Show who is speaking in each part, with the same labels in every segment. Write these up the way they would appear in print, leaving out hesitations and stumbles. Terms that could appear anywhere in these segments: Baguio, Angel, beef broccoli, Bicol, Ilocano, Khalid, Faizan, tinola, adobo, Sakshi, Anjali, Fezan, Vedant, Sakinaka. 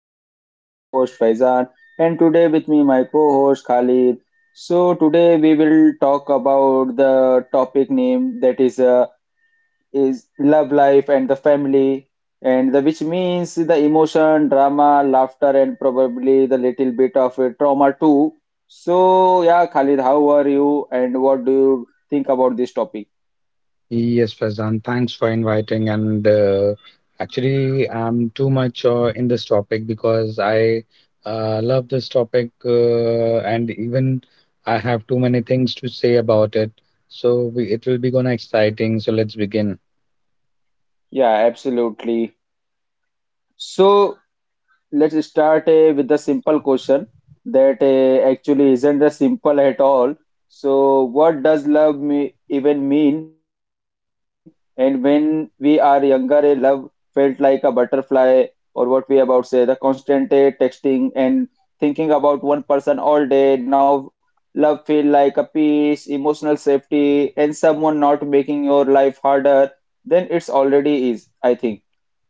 Speaker 1: Podcast. I am your host Faizan and today with me my co-host Khalid. So today we will talk about the topic name that is love life and the family and which means the emotion, drama, laughter and probably the little bit of trauma too. So yeah Khalid, how are you and what do you think about this topic?
Speaker 2: Yes, Faizan, thanks for inviting. And actually, I'm too much in this topic because I love this topic, and even I have too many things to say about it. It will be gonna exciting. So let's begin.
Speaker 1: Yeah, absolutely. So let's start with the simple question that actually isn't a simple at all. So, what does love me even mean? And when we are younger, love felt like a butterfly, or what we about say, the constant texting and thinking about one person all day. Now, love feel like a peace, emotional safety, and someone not making your life harder than it's already is, I think.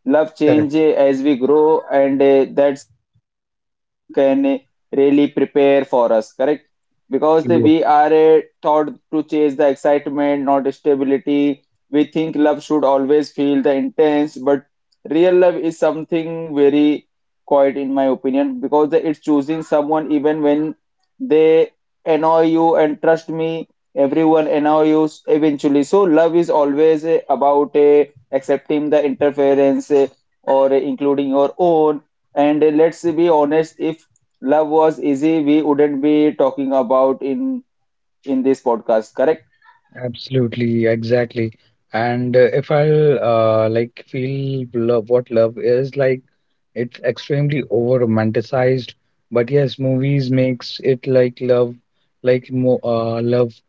Speaker 1: Love change
Speaker 2: Correct.
Speaker 1: as we grow, and that's something no one can really prepare for us, correct? Because we are taught to chase the excitement, not stability. We think love should always feel the intense, but real love is something very quiet, in my opinion, because it's choosing someone even when they annoy you, and trust me, everyone annoys you eventually. So love is always about a accepting the interference or including your own. And let's be honest, if love was easy, we wouldn't be talking about in this podcast, correct?
Speaker 2: Absolutely, exactly. And if I will like feel love, what love is like, it's extremely over romanticized. But yes, movies makes it like love, like mo love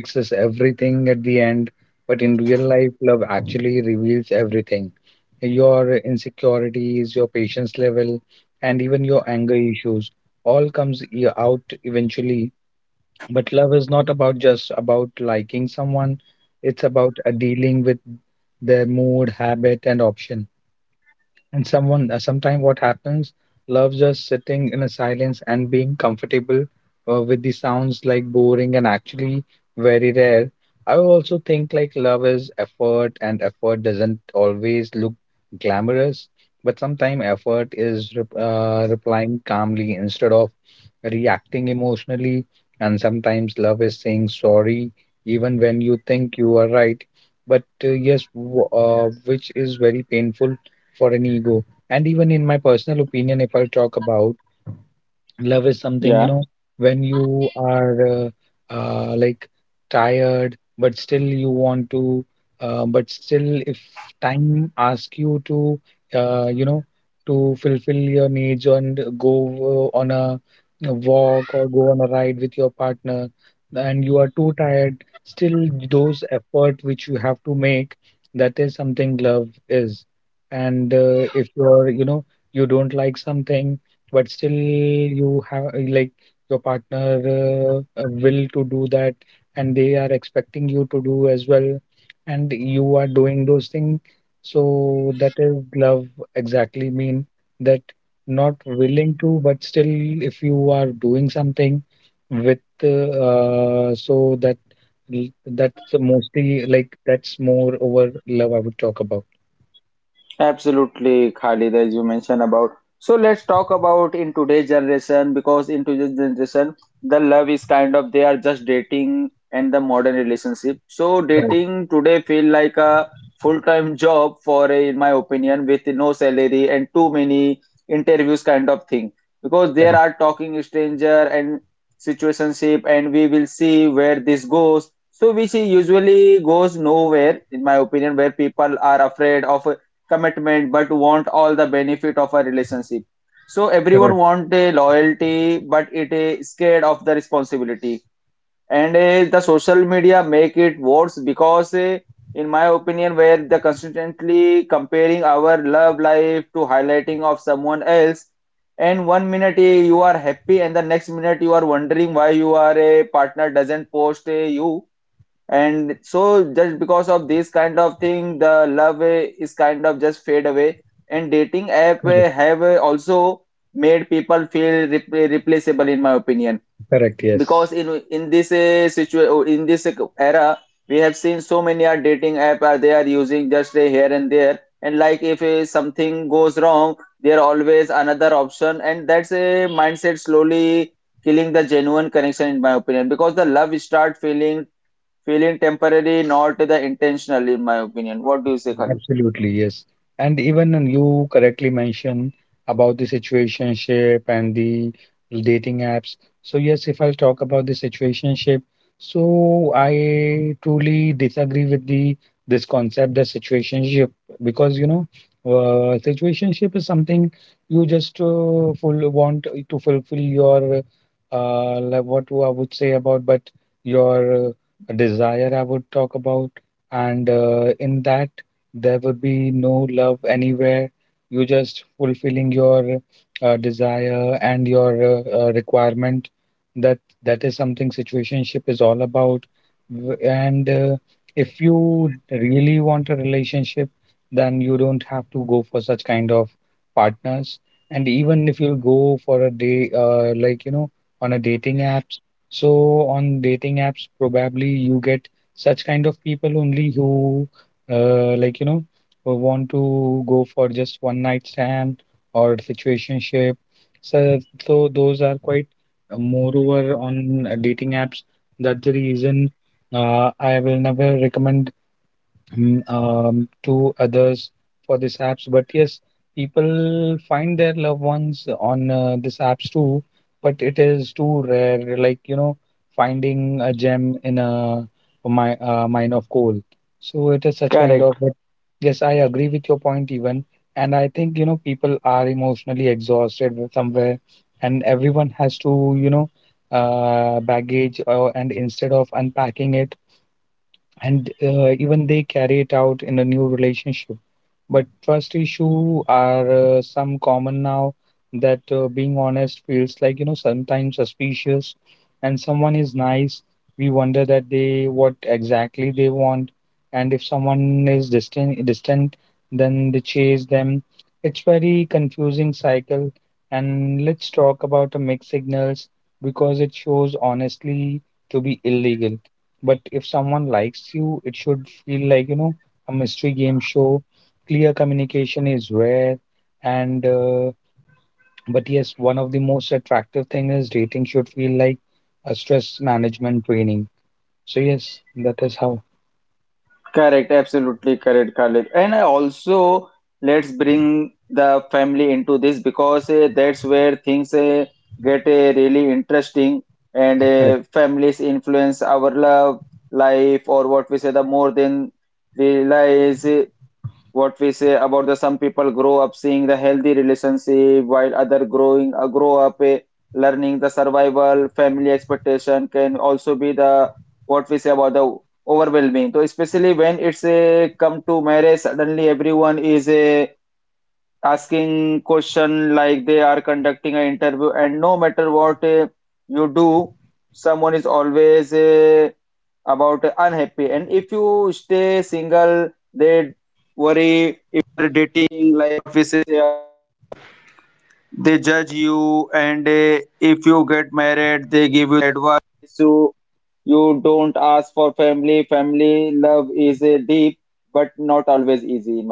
Speaker 2: fixes everything at the end. But in real life, love actually reveals everything. Your insecurities, your patience level, and even your anger issues all comes out eventually but love is not about just about liking someone. It's about dealing with their mood, habit, and option. And someone, sometime what happens, love just sitting in a silence and being comfortable with the sounds like boring and actually very rare. I also think like love is effort, and effort doesn't always look glamorous, but sometimes effort is replying calmly instead of reacting emotionally. And sometimes love is saying sorry even when you think you are right. But yes, which is very painful for an ego. And even in my personal opinion, if I'll talk about love is something, you
Speaker 1: Yeah.
Speaker 2: know, when you are like tired, but still you but still if time asks you to, you know, to fulfill your needs and go on a walk or go on a ride with your partner, and you are too tired, still those effort which you have to make, that is something love is. And if you're, you know, you don't like something but still you have like your partner will to do that and they are expecting you to do as well and you are doing those things so that is love exactly mean that not willing to but still if you are doing something with so that l- that's mostly like that's more over love I would talk about.
Speaker 1: Absolutely, Khalid, as you mentioned about. So let's talk about in today's generation because in today's generation, the love is kind of they are just dating and the modern relationship. So
Speaker 2: Correct,
Speaker 1: dating today feel like a full-time job for a, in my opinion, with no salary and too many interviews kind of thing. Because there are
Speaker 2: correct,
Speaker 1: talking stranger and situationship, and we will see where this goes. So which usually goes nowhere, in my opinion, where people are afraid of commitment but want all the benefit of a relationship, so everyone
Speaker 2: correct,
Speaker 1: want a loyalty but it is scared of the responsibility. And the social media make it worse because in my opinion where the constantly comparing our love life to highlighting of someone else, and one minute you are happy and the next minute you are wondering why your partner doesn't post you. And so just because of this kind of thing the love is kind of just fade away, and dating app
Speaker 2: correct.
Speaker 1: have also made people feel replaceable in my opinion,
Speaker 2: Correct,
Speaker 1: because
Speaker 2: yes.
Speaker 1: in this in this era we have seen so many are dating app are they are using just here and there, and like if something goes wrong there are always another option, and that's a mindset slowly killing the genuine connection in my opinion, because the love start feeling feeling temporary, not the intentional, in my opinion. What do you say, Khalid?
Speaker 2: Absolutely, yes. And even then you correctly mentioned about the situationship and the dating apps. So yes, if I talk about the situationship, so I truly disagree with the this concept that situationship because you know situationship is something you just full want to fulfill your like what I would say about but your desire I would talk about and in that there will be no love anywhere. You just fulfilling your desire and your requirement. That that is something situationship is all about. W- And if you really want a relationship, then you don't have to go for such kind of partners. And even if you go for a day, like you know, on a dating apps. So on dating apps, probably you get such kind of people only who like you know who want to go for just one night stand or situationship so, so those are quite moreover on dating apps. That's the reason I will never recommend to others for these apps. But yes, people find their loved ones on these apps too, but it is too rare, like, you know, finding a gem in a mine of coal. So it is such kind
Speaker 1: Correct,
Speaker 2: of, but yes, I agree with your point even. And I think, you know, people are emotionally exhausted with somewhere, and everyone has to, you know, baggage and instead of unpacking it and even they carry it out in a new relationship. But trust issue are some common now that being honest feels like you know sometimes suspicious, and someone is nice, we wonder that they what exactly they want, and if someone is distant, then they chase them. It's very confusing cycle, and let's talk about the mixed signals because it shows honestly to be illegal but if someone likes you, it should feel like, you know, a mystery game show. Clear communication is rare. And, uh, but yes, one of the most attractive thing is dating should feel like a stress management training. So yes, that is how
Speaker 1: correct, absolutely correct, Khalid. And I also let's bring the family into this because that's where things get really interesting, and
Speaker 2: I.
Speaker 1: families influence our love life or what we say the more than realize. What we say about the some people grow up seeing the healthy relationship while other growing grow up learning the survival family expectation can also be the what we say about the overwhelming. So especially when it's a come to marriage, suddenly everyone is a asking question like they are conducting an interview, and no matter what you do someone is always a about unhappy, and if you stay single family, family love is a deep, but not always easy, in my opinion.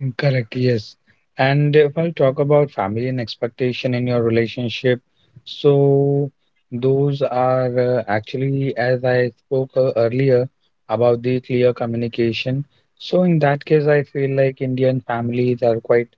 Speaker 2: Correct, yes. And if I'll talk about family and expectation in your relationship, so those are actually, as I spoke earlier about the clear communication. So in that case, I feel like Indian families are quite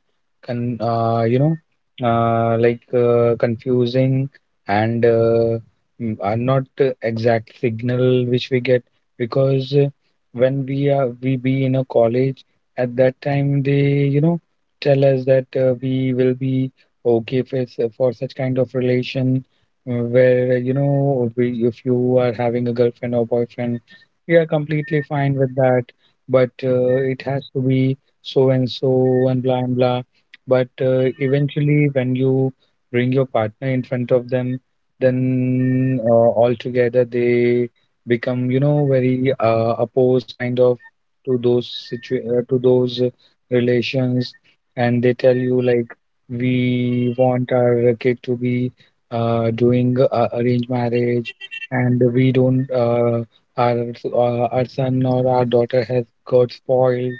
Speaker 2: con you know, confusing and are not exact signal which we get because when we are we be in a college at that time, they, you know, tell us that we will be okay for, for such kind of relation where, you know, we, if you are having a girlfriend or boyfriend, we are completely fine with that. But it has to be so and so and blah and blah. But eventually, when you bring your partner in front of them, then altogether they become, you know, very opposed kind of to those situ to those relations, and they tell you like we want our kid to be doing arranged marriage, and we don't our our son or our daughter has got spoiled,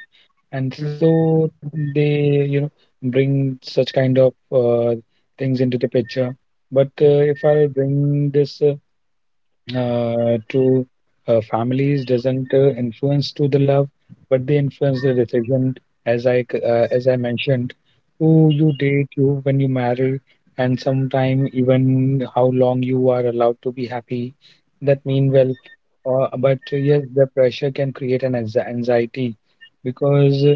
Speaker 2: and so they you know bring such kind of things into the picture. But if I'll bring this to families doesn't influence to the love, but they influence the decision, as as I mentioned, who you date, you when you marry, and sometime even how long you are allowed to be happy. That mean well, but yes, the pressure can create an anxiety because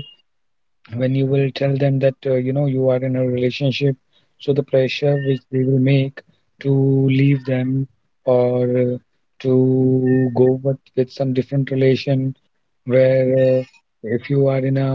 Speaker 2: when you will tell them that you know you are in a relationship so the pressure which they will make to leave them or uh, to go with some different relation where if you are in a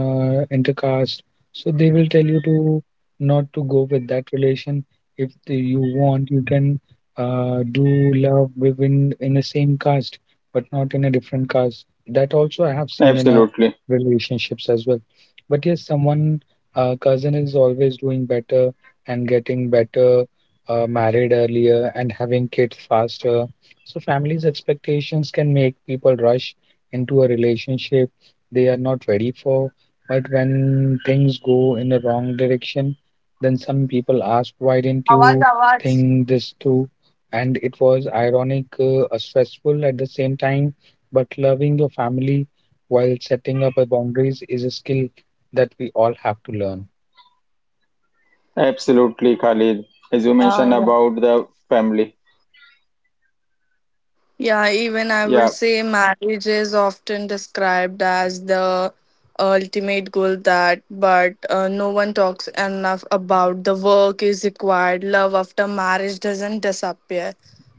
Speaker 2: intercaste, so they will tell you to not to go with that relation. If the, you want, you can do love within in the same caste, but not in a different caste. That also I have seen in a
Speaker 1: Absolutely,
Speaker 2: relationships as well. But yes, someone cousin is always doing better and getting better, married earlier and having kids faster. So families' expectations can make people rush into a relationship they are not ready for. But when things go in the wrong direction, then some people ask, why didn't you think this through? And it was ironic, stressful at the same time. But loving your family while setting up a boundaries is a skill that we all have to learn.
Speaker 1: absolutely, Khalid. As you mentioned
Speaker 3: Yeah, yeah.
Speaker 1: about the family,
Speaker 3: Yeah, even I would
Speaker 1: yeah.
Speaker 3: say marriage is often described as the ultimate goal that but no one talks enough about the work is required. Love after marriage doesn't disappear,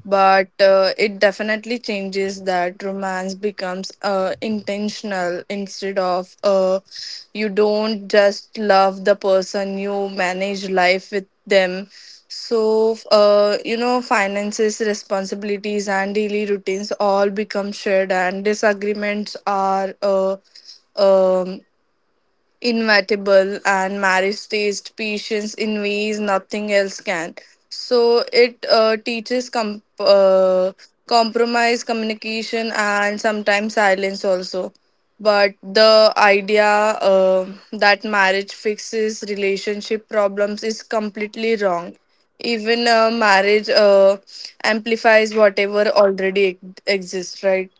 Speaker 3: but it definitely changes. That romance becomes intentional instead of you don't just love the person, you manage life with them. So you know, finances, responsibilities, and daily routines all become shared, and disagreements are um, inevitable, and marriage teaches patience in ways nothing else can. So it teaches compromise, communication, and sometimes silence also. But the idea uh, that marriage fixes relationship problems is completely wrong. Even Marriage amplifies whatever already exists, right?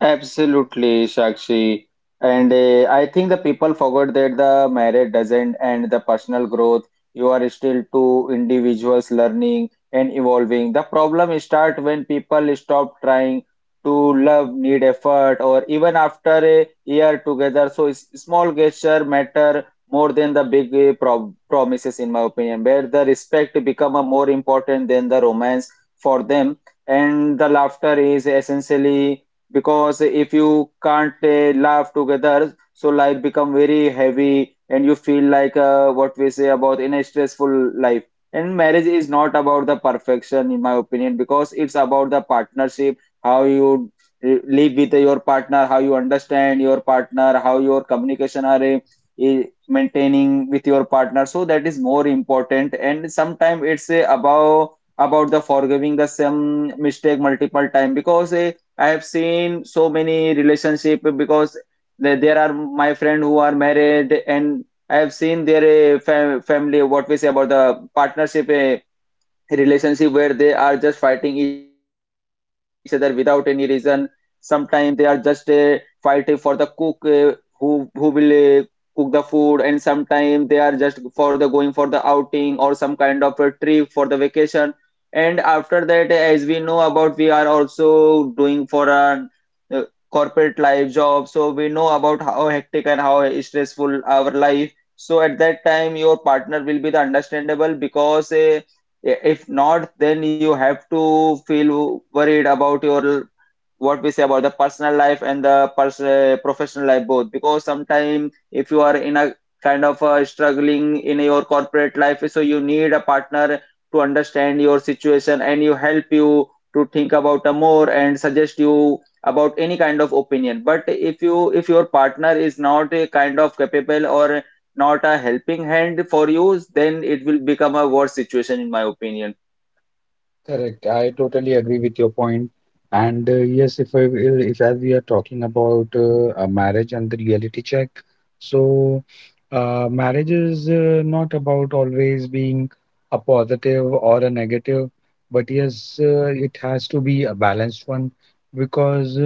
Speaker 1: Absolutely, Sakshi. And I think the people forgot that the marriage doesn't end the personal growth. You are still two individuals learning and evolving. The problem start when people stop trying to love, need effort, or even after a year together. So small gesture matter more than the big promises, in my opinion, where the respect become a more important than the romance for them. And the laughter is essentially, because if you can't laugh together so life become very heavy and you feel like what we say about in a stressful life. And marriage is not about the perfection in my opinion, because it's about the partnership, how you live with your partner, how you understand your partner, how your communication are maintaining with your partner. So that is more important, and sometimes it's about the forgiving the same mistake multiple time, because I have seen so many relationship, because there are my friend who are married and I have seen their family what we say about the partnership relationship where they are just fighting each other without any reason. Sometimes they are just fight for the cook who will cook the food, and sometimes they are just for the going for the outing or some kind of a trip for the vacation. And after that, as we know about, we are also doing for a uh, corporate life job, so we know about how hectic and how stressful our life. So at that time, your partner will be the understandable because. Yeah, if not, then you have to feel worried about your what we say about the personal life and the professional life both. Because sometimes if you are in a kind of a struggling in your corporate life, so you need a partner to understand your situation and you help you to think about a more and suggest you about any kind of opinion. But if you if your partner is not a kind of capable or not a helping hand for you, then it will become a worse situation in my opinion.
Speaker 2: Correct. I totally agree with your point. And yes, if I will, if as we are talking about a marriage and the reality check, so marriage is not about always being a positive or a negative, but yes, it has to be a balanced one because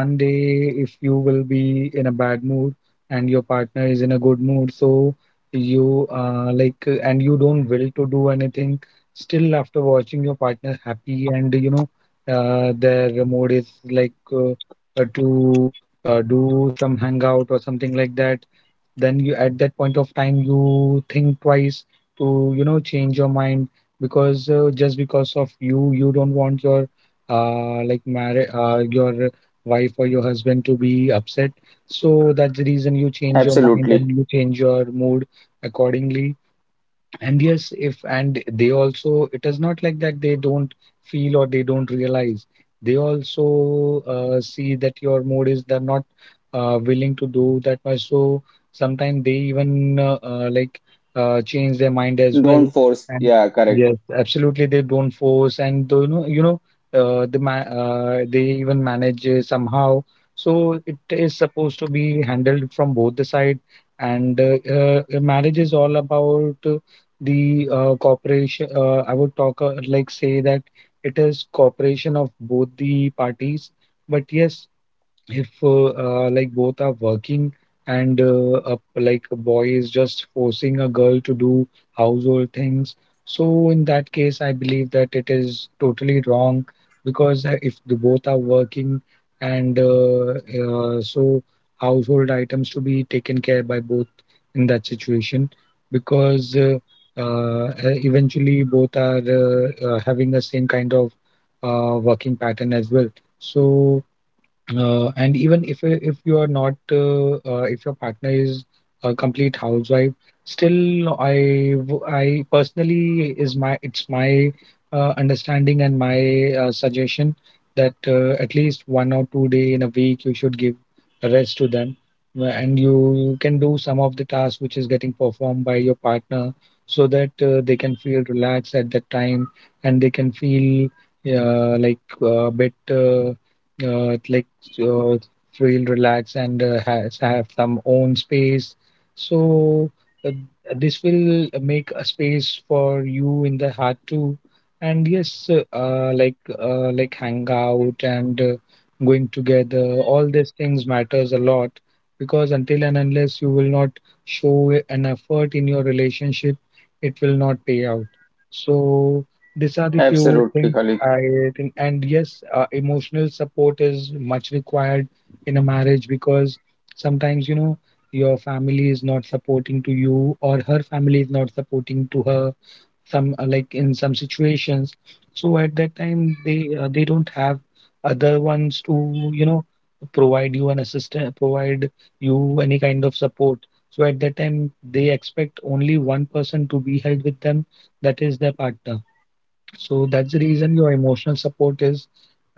Speaker 2: one day if you will be in a bad mood and your partner is in a good mood, so you and you don't will to do anything. Still, after watching your partner happy and you know, their mood is like to do some hangout or something like that, then you at that point of time you think twice to you know change your mind because just because of you, you don't want your like marriage, your wife or your husband to be upset. So that's the reason you change your mind
Speaker 1: Absolutely.
Speaker 2: and you change your mood accordingly and yes, if and they also, it is not like that they don't feel or they don't realize. They also see that your mood is they're not willing to do that much. So sometimes they even change their mind as well.
Speaker 1: Don't force.
Speaker 2: And
Speaker 1: Yeah, correct.
Speaker 2: yes, absolutely, they don't force and though, you know, uh, the ma they even manage somehow. So it is supposed to be handled from both the side. And marriage is all about. The cooperation, I would talk like say that it is cooperation of both the parties. But yes, if like both are working and like a boy is just forcing a girl to do household things, so in that case I believe that it is totally wrong. Because if the both are working and so household items to be taken care by both in that situation, because eventually both are having the same kind of working pattern as well. So and even if you are not if your partner is a complete housewife, still I personally is my it's my understanding and my suggestion that at least 1 or 2 day in a week you should give a rest to them, and you can do some of the tasks which is getting performed by your partner, so that they can feel relaxed at that time and they can feel like a bit. Uh, like uh, feel relaxed and has have some own space. So uh, this will make a space for you in the heart too. And yes, like hang out and going together, all these things matters a lot, because until and unless you will not show an effort in your relationship, it will not pay out. So these are the few
Speaker 1: Absolutely,
Speaker 2: things
Speaker 1: Khalid.
Speaker 2: I think. And yes, emotional support is much required in a marriage, because sometimes, you know, your family is not supporting to you or her family is not supporting to her some, like in some situations. So at that time, they don't have other ones to, you know, provide you an assistant, provide you any kind of support. So at that time, they expect only one person to be held with them, that is their partner. So that's the reason your emotional support is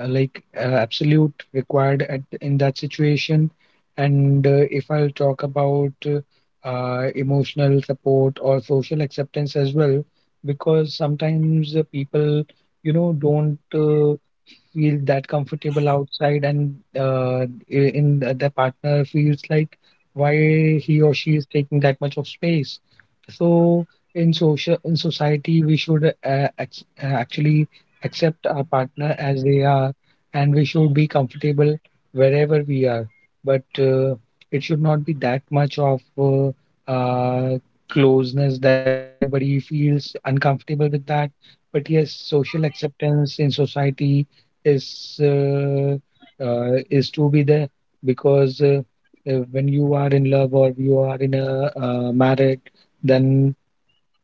Speaker 2: absolute required at in that situation. And if I'll talk about emotional support or social acceptance as well, because sometimes people, you know, don't feel that comfortable outside. And the partner feels like why he or she is taking that much of space. So in social in society we should actually accept our partner as they are, and we should be comfortable wherever we are. But it should not be that much of uh, closeness that everybody feels uncomfortable with that. But yes, social acceptance in society is uh, is to be there. Because when you are in love or you are in a married, then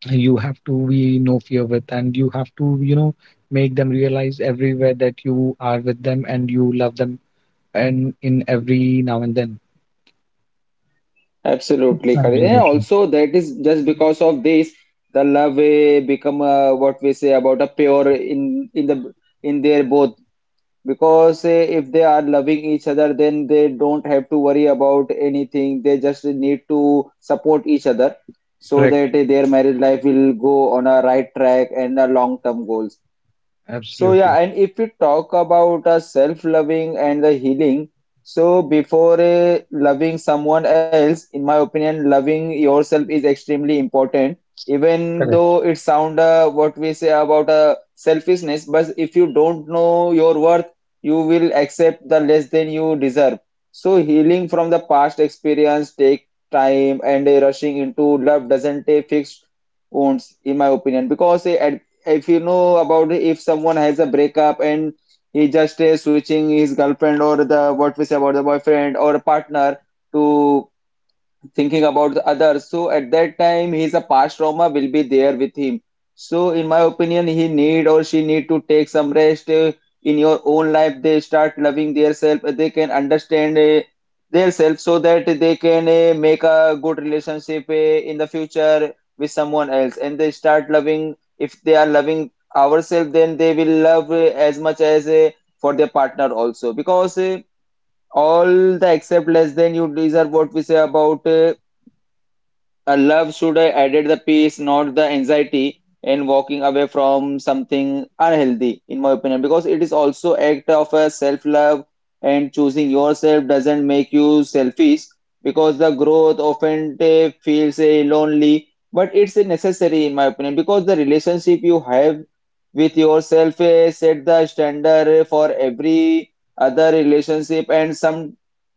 Speaker 2: you have to be no fear with, and you have to, you know, make them realize everywhere that you are with them and you love them, and in every now and then.
Speaker 1: Absolutely, Khalid. And
Speaker 2: Absolutely.
Speaker 1: also that is just because of this, the love become what we say about a pure in the in their both. Because if they are loving each other, then they don't have to worry about anything. They just need to support each other so
Speaker 2: Correct.
Speaker 1: that their marriage life will go on a right track and a long-term goals. So
Speaker 2: Absolutely.
Speaker 1: yeah, and if we talk about self-loving and the healing, so before loving someone else, in my opinion, loving yourself is extremely important. Even
Speaker 2: Correct.
Speaker 1: though it sound what we say about selfishness, but if you don't know your worth, you will accept the less than you deserve. So healing from the past experience take time, and rushing into love doesn't fix wounds, in my opinion, because at if you know about if someone has a breakup and he just is switching his girlfriend or the what we say about the boyfriend or a partner to thinking about the others. So at that time, his a past trauma will be there with him. So in my opinion, he need or she need to take some rest in your own life. They start loving themselves. They can understand themselves so that they can make a good relationship in the future with someone else. And they start loving. If they are loving ourselves, then they will love as much as for their partner also. Because all the except less than you deserve what we say about a love should have added the peace, not the anxiety, in walking away from something unhealthy, in my opinion, because it is also act of a self-love. And choosing yourself doesn't make you selfish, because the growth often feels lonely, but it's necessary in my opinion, because the relationship you have with yourself set the standard for every other relationship, and sometimes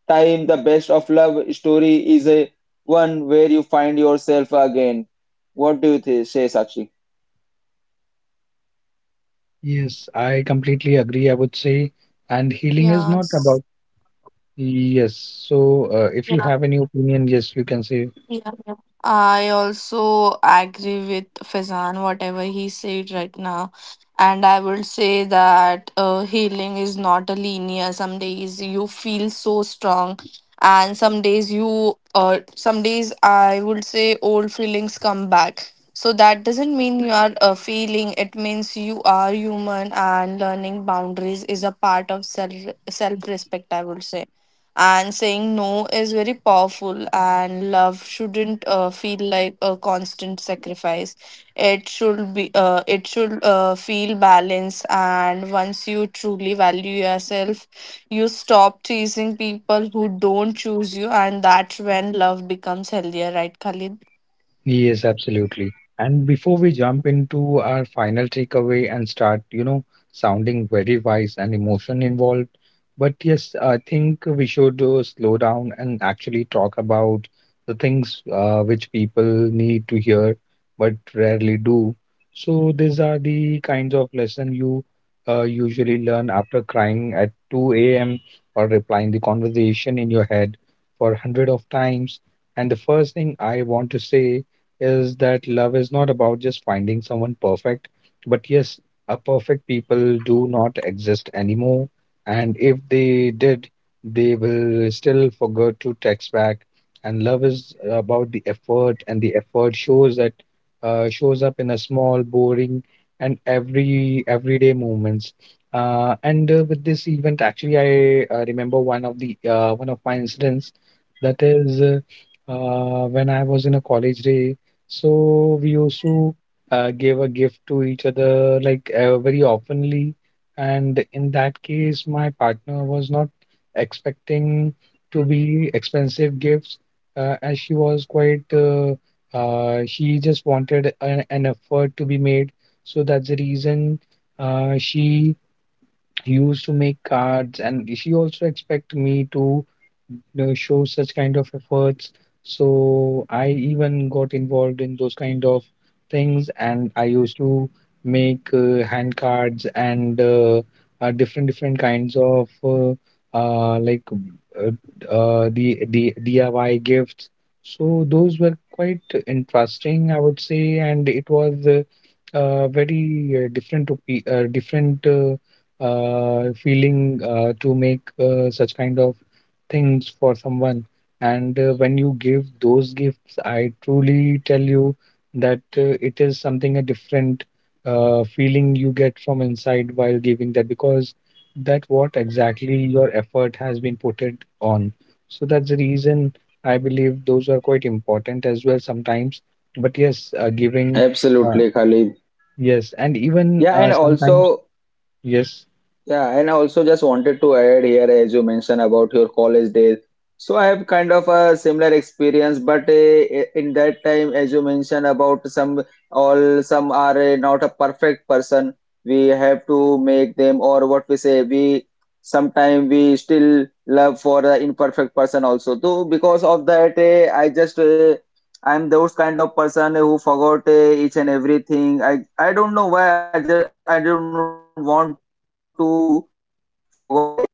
Speaker 1: the best of love story is a one where you find yourself again. What do you say, Sakshi?
Speaker 2: Yes, I completely agree. I would say, and healing is
Speaker 3: Yeah.
Speaker 2: not about, yes. So, if you have any opinion, yes, you can say.
Speaker 3: Yeah, yeah. I also agree with Fezan, whatever he said right now. And I would say that healing is not a linear. Some days you feel so strong, and some days some days I would say old feelings come back. So that doesn't mean you are feeling. It means you are human, and learning boundaries is a part of self respect, I would say. And saying no is very powerful, and love shouldn't feel like a constant sacrifice. It should be, it should feel balanced. And once you truly value yourself, you stop chasing people who don't choose you, and that's when love becomes healthier, right, Khalid?
Speaker 2: Yes, absolutely. And before we jump into our final takeaway and start, you know, sounding very wise and emotion involved, but yes, I think we should slow down and actually talk about the things which people need to hear but rarely do. So these are the kinds of lesson you usually learn after crying at 2 a.m. or replying the conversation in your head for 100 of times. And the first thing I want to say is that love is not about just finding someone perfect, but yes, a perfect people do not exist anymore. And if they did, they will still forget to text back. And love is about the effort, and the effort shows that shows up in a small, boring, and everyday moments. And With this event, actually, I remember one of the one of my incidents. That is when I was in a college day. So we also gave a gift to each other like very oftenly. And in that case, my partner was not expecting to be expensive gifts, as she was quite, she just wanted an effort to be made. So that's the reason she he used to make cards, and she also expect me to know, show such kind of efforts. So I even got involved in those kind of things, and I used to make hand cards and different different kinds of uh, like uh, the DIY gifts. So those were quite interesting, I would say, and it was very different, different. Feeling to make such kind of things for someone. And when you give those gifts, I truly tell you that it is something a different feeling you get from inside while giving that, because that what exactly your effort has been put it on. So that's the reason I believe those are quite important as well sometimes. But yes, uh,
Speaker 1: Absolutely, Khalid.
Speaker 2: yes, and even
Speaker 1: Yeah, and
Speaker 2: sometimes,
Speaker 1: also
Speaker 2: yes,
Speaker 1: yeah, and I also just wanted to add here, as you mentioned about your college days. So I have kind of a similar experience, but in that time, as you mentioned about some, all some are not a perfect person. We have to make them, or what we say, we sometimes we still love for the imperfect person also. So because of that, I'm those kind of person who forgot each and everything. I don't know why. I just I don't want to forgot e-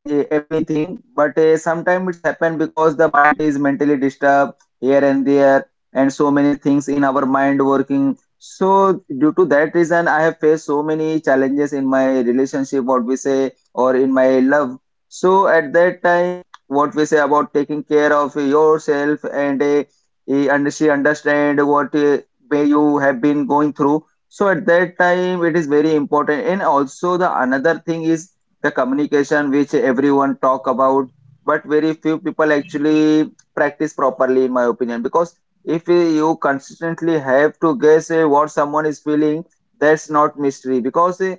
Speaker 1: e-, everything, but sometimes it's happened because the mind is mentally disturbed here and there and so many things in our mind working. So due to that reason, I have faced so many challenges in my relationship, what we say, or in my love. So at that time, if someone is a, what we say, about taking care of yourself and he and she way you have been going through, so at that time, it is very important. And also the another thing is the communication, which everyone talk about, but very few people actually practice properly, in my opinion. Because if you consistently have to guess what someone is feeling, that's not mystery. Because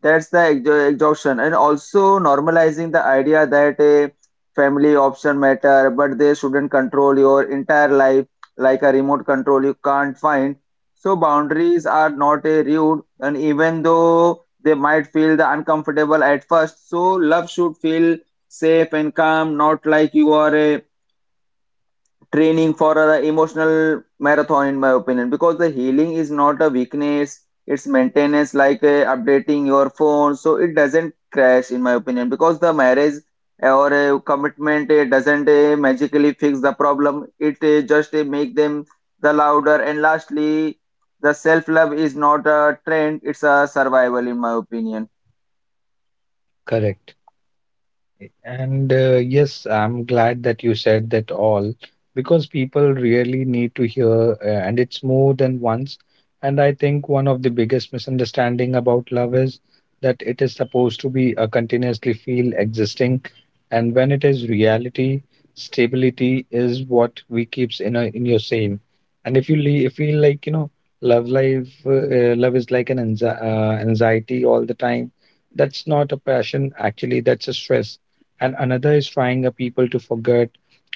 Speaker 1: that's the exhaustion. And also normalizing the idea that a family option matter, but they shouldn't control your entire life like a remote control you can't find. So boundaries are not a rude, and even though they might feel the uncomfortable at first, so love should feel safe and calm, not like you are a training for the emotional marathon, in opinion, because the healing is not a weakness, it's maintenance, like updating your phone so it doesn't crash, in my opinion, because the marriage or commitment doesn't magically fix the problem, it just make them the louder. And lastly, the self love is not a trend, it's a survival, in my opinion.
Speaker 2: correct. And yes, I'm glad that you said that all, because people really need to hear, and it's more than once. And I think one of the biggest misunderstanding about love is that it is supposed to be a continuously feel existing, and when it is reality, stability is what we keeps in a, in your same. And if you feel like, you know, love life, love is like an anxiety all the time. That's not a passion, actually. That's a stress. And another is trying a people to forget,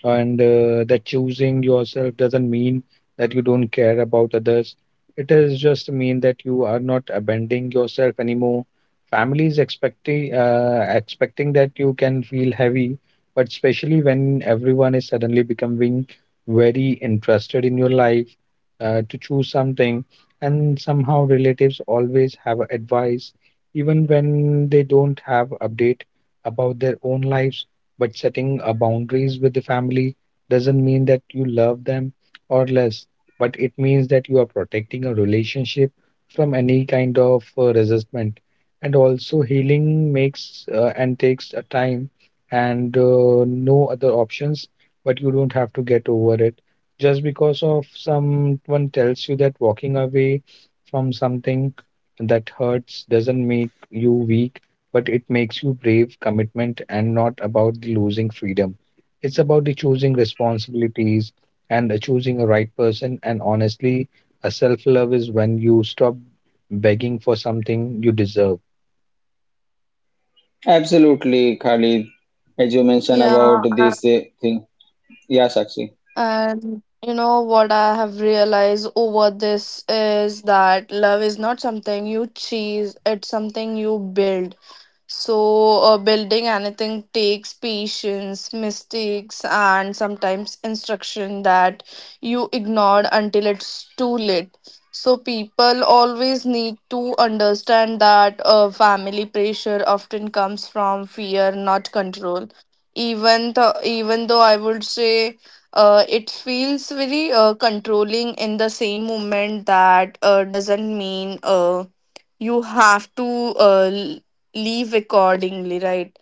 Speaker 2: and that choosing yourself doesn't mean that you don't care about others, it is just mean that you are not abandoning yourself anymore. Family is expecting expecting that you can feel heavy, but especially when everyone is suddenly becoming very interested in your life to choose something, and somehow relatives always have advice even when they don't have update about their own lives. But setting boundaries with the family doesn't mean that you love them or less, but it means that you are protecting a relationship from any kind of resentment. And also, healing makes and takes a time and no other options, but you don't have to get over it. Just because of someone tells you that walking away from something that hurts doesn't make you weak, but it makes you brave commitment and not about the losing freedom. It's about the choosing responsibilities and choosing a right person. And honestly, a self love is when you stop begging for something you deserve.
Speaker 1: Absolutely, Khalid. As you mentioned about
Speaker 3: Yeah.
Speaker 1: this thing. Yeah, Sakshi.
Speaker 3: And you know what I have realized over this is that love is not something you chase, it's something build. So, building anything takes patience, mistakes, and sometimes instruction that you ignored until it's too late. So people always need to understand that family pressure often comes from fear, not control. Even though I would say it feels very controlling in the same moment, that doesn't mean you have to leave accordingly, right?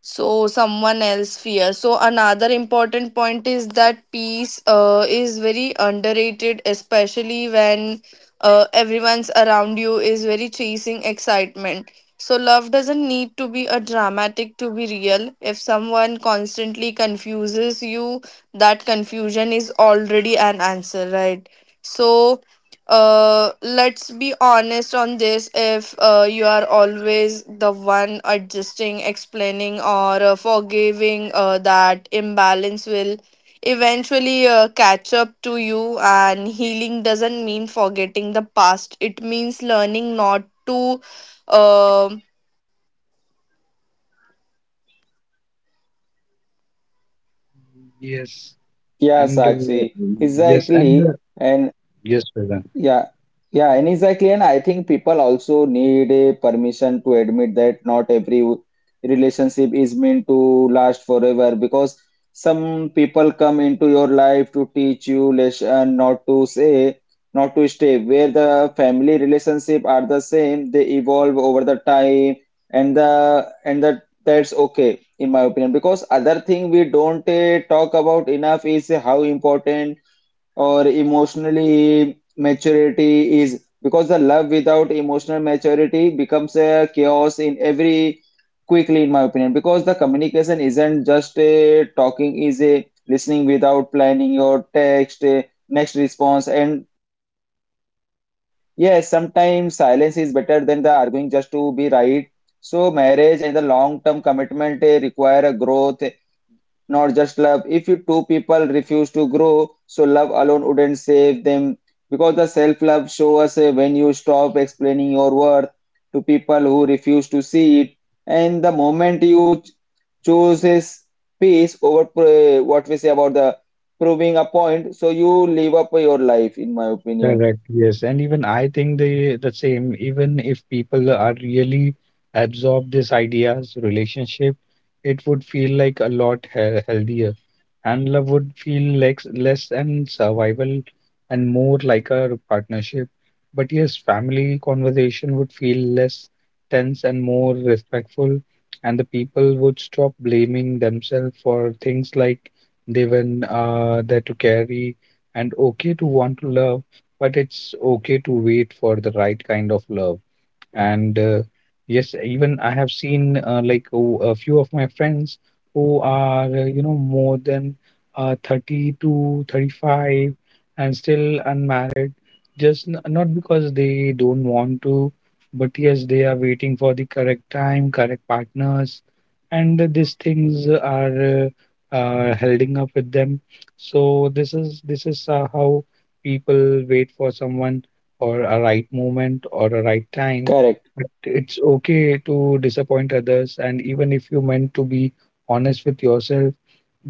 Speaker 3: So someone else fear. So another important point is that peace is very underrated, especially when everyone's around you is very chasing excitement. So love doesn't need to be a dramatic to be real. If someone constantly confuses you, that confusion is already an answer, right? So let's be honest on this. If you are always the one adjusting, explaining, or forgiving, that imbalance will eventually catch up to you. And healing doesn't mean forgetting the past, it means learning not to. Uh,
Speaker 2: Yes,
Speaker 1: Yeah,
Speaker 2: and uh,
Speaker 1: Sakshi,
Speaker 2: yes, and uh,
Speaker 1: exactly. And
Speaker 2: yes, Vedant.
Speaker 1: yeah, yeah, and exactly. And I think people also need a permission to admit that not every relationship is meant to last forever, because some people come into your life to teach you lesson, not to say, not to stay. Where the family relationship are the same, they evolve over the time, and the and that that's okay in my opinion. Because other thing we don't talk about enough is how important or emotionally maturity is, because the love without emotional maturity becomes a chaos in every quickly, in my opinion, because the communication isn't just a talking, is a listening without planning your text a next response. And yes, sometimes silence is better than the arguing just to be right. So marriage and the long term commitment require a growth, not just love. If you two people refuse to grow, so love alone wouldn't save them. Because the self love shows us when you stop explaining your worth to people who refuse to see it. And the moment you choose his peace over what we say about the proving a point, so you live up your life, in my opinion.
Speaker 2: Correct. Yes. And even I think the same, even if people are really absorb these ideas, relationship, it would feel like a lot he healthier. And love would feel like less and survival and more like a partnership. But yes, family conversation would feel less tense and more respectful, and the people would stop blaming themselves for things like they were there to carry and okay to want to love, but it's okay to wait for the right kind of love. And yes, even I have seen a few of my friends who are, you know, more than 32, 35 and still unmarried, just n not because they don't want to, but yes, they are waiting for the correct time, correct partners, and these things are holding up with them. So this is how people wait for someone or a right moment or a right time,
Speaker 1: Correct,
Speaker 2: but it's okay to disappoint others, and even if you meant to be honest with yourself,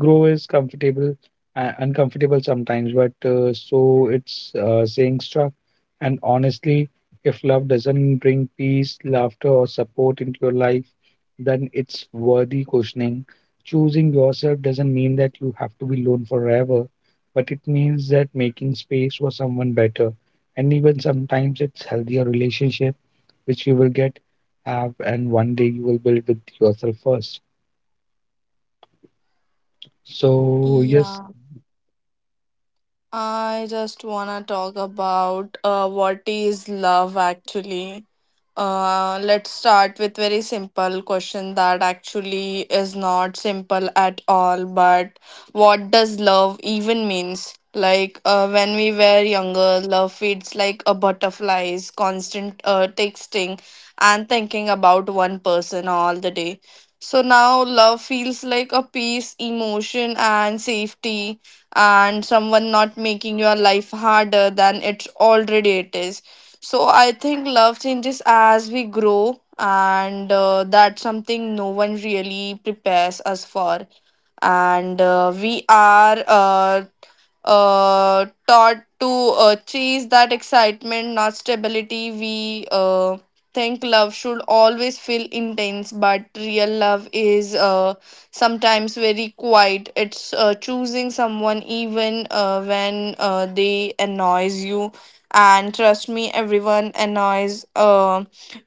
Speaker 2: grow is comfortable, uncomfortable sometimes, but so it's saying stuff. And honestly, if love doesn't bring peace, laughter, or support into your life, then it's worthy questioning. Choosing yourself doesn't mean that you have to be alone forever, but it means that making space for someone better, and even sometimes it's healthier relationship which you will get, have, and one day you will build with yourself first. So, yes,
Speaker 3: yeah, I just wanna talk about what is love actually. Let's start with very simple question that actually is not simple at all. But what does love even means? Like when we were younger, love feeds like a butterflies, constant texting, and thinking about one person all the day. So now love feels like a peace, emotion, and safety, and someone not making your life harder than it's already it is. So I think love changes as we grow, and that's something no one really prepares us for. And uh, we are uh, uh, taught to chase that excitement, not stability. We think love should always feel intense, but real love is sometimes very quiet. It's choosing someone even when they annoys you. And trust me, everyone annoys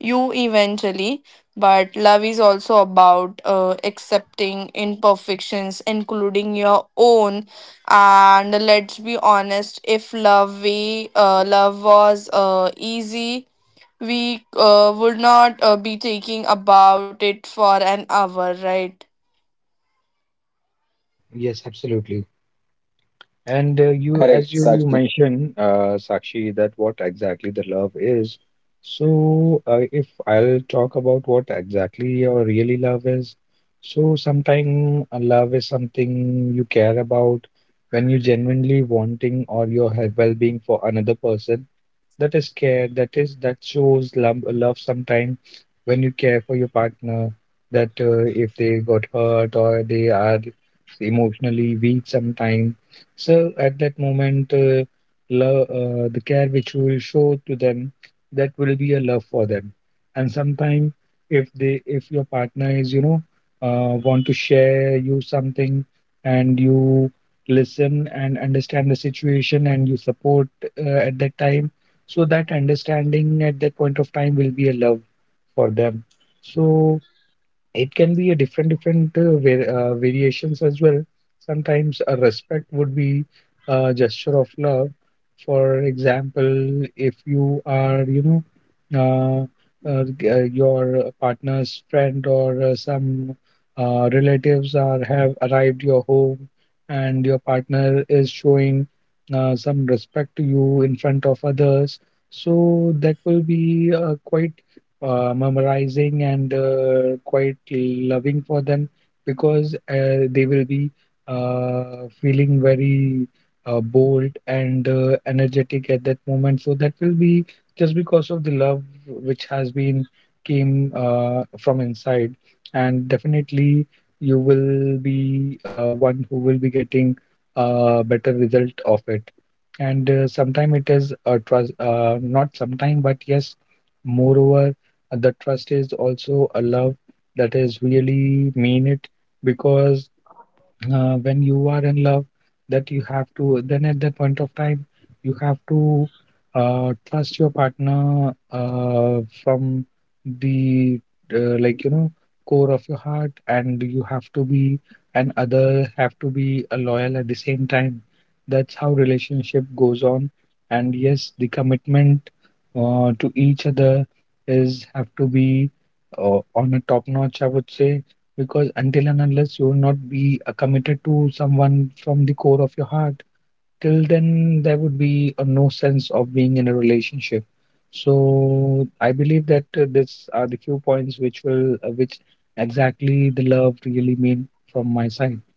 Speaker 3: you eventually. But love is also about accepting imperfections, including your own. And let's be honest, if love was easy, we would not be taking about it for an hour, right?
Speaker 2: yes, absolutely. And you, as
Speaker 1: correct,
Speaker 2: you
Speaker 1: Sakshi.
Speaker 2: mentioned, Sakshi, that what exactly the love is. So, if I'll talk about what exactly your really love is, so sometime a love is something you care about when you genuinely wanting or your well-being for another person. That is care. That is that shows love. Love sometime when you care for your partner. That if they got hurt or they are emotionally weak sometime, so at that moment, love the care which you will show to them, that will be a love for them. And sometime if they if your partner is, you know, want to share you something, and you listen and understand the situation and you support at that time, so that understanding at that point of time will be a love for them. So it can be a different different variations as well. Sometimes a respect would be a gesture of love. For example, if you are, know, your partner's friend or some relatives are have arrived your home, and your partner is showing some respect to you in front of others, so that will be quite memorizing and quite loving for them because they will be feeling very bold and energetic at that moment. So that will be just because of the love which has been came from inside, and definitely you will be one who will be getting a better result of it. And sometime it is a trust, not sometime, but yes, moreover the trust is also a love that is really mean it because when you are in love that you have to then at that point of time you have to trust your partner from the uh, like you know core of your heart, and you have to be and other have to be a loyal at the same time. That's how relationship goes on. And yes, the commitment to each other is have to be on a top notch, I would say, because until and unless you will not be committed to someone from the core of your heart, till then there would be no sense of being in a relationship. So I believe that this are the few points which will, which exactly the love really mean from my side.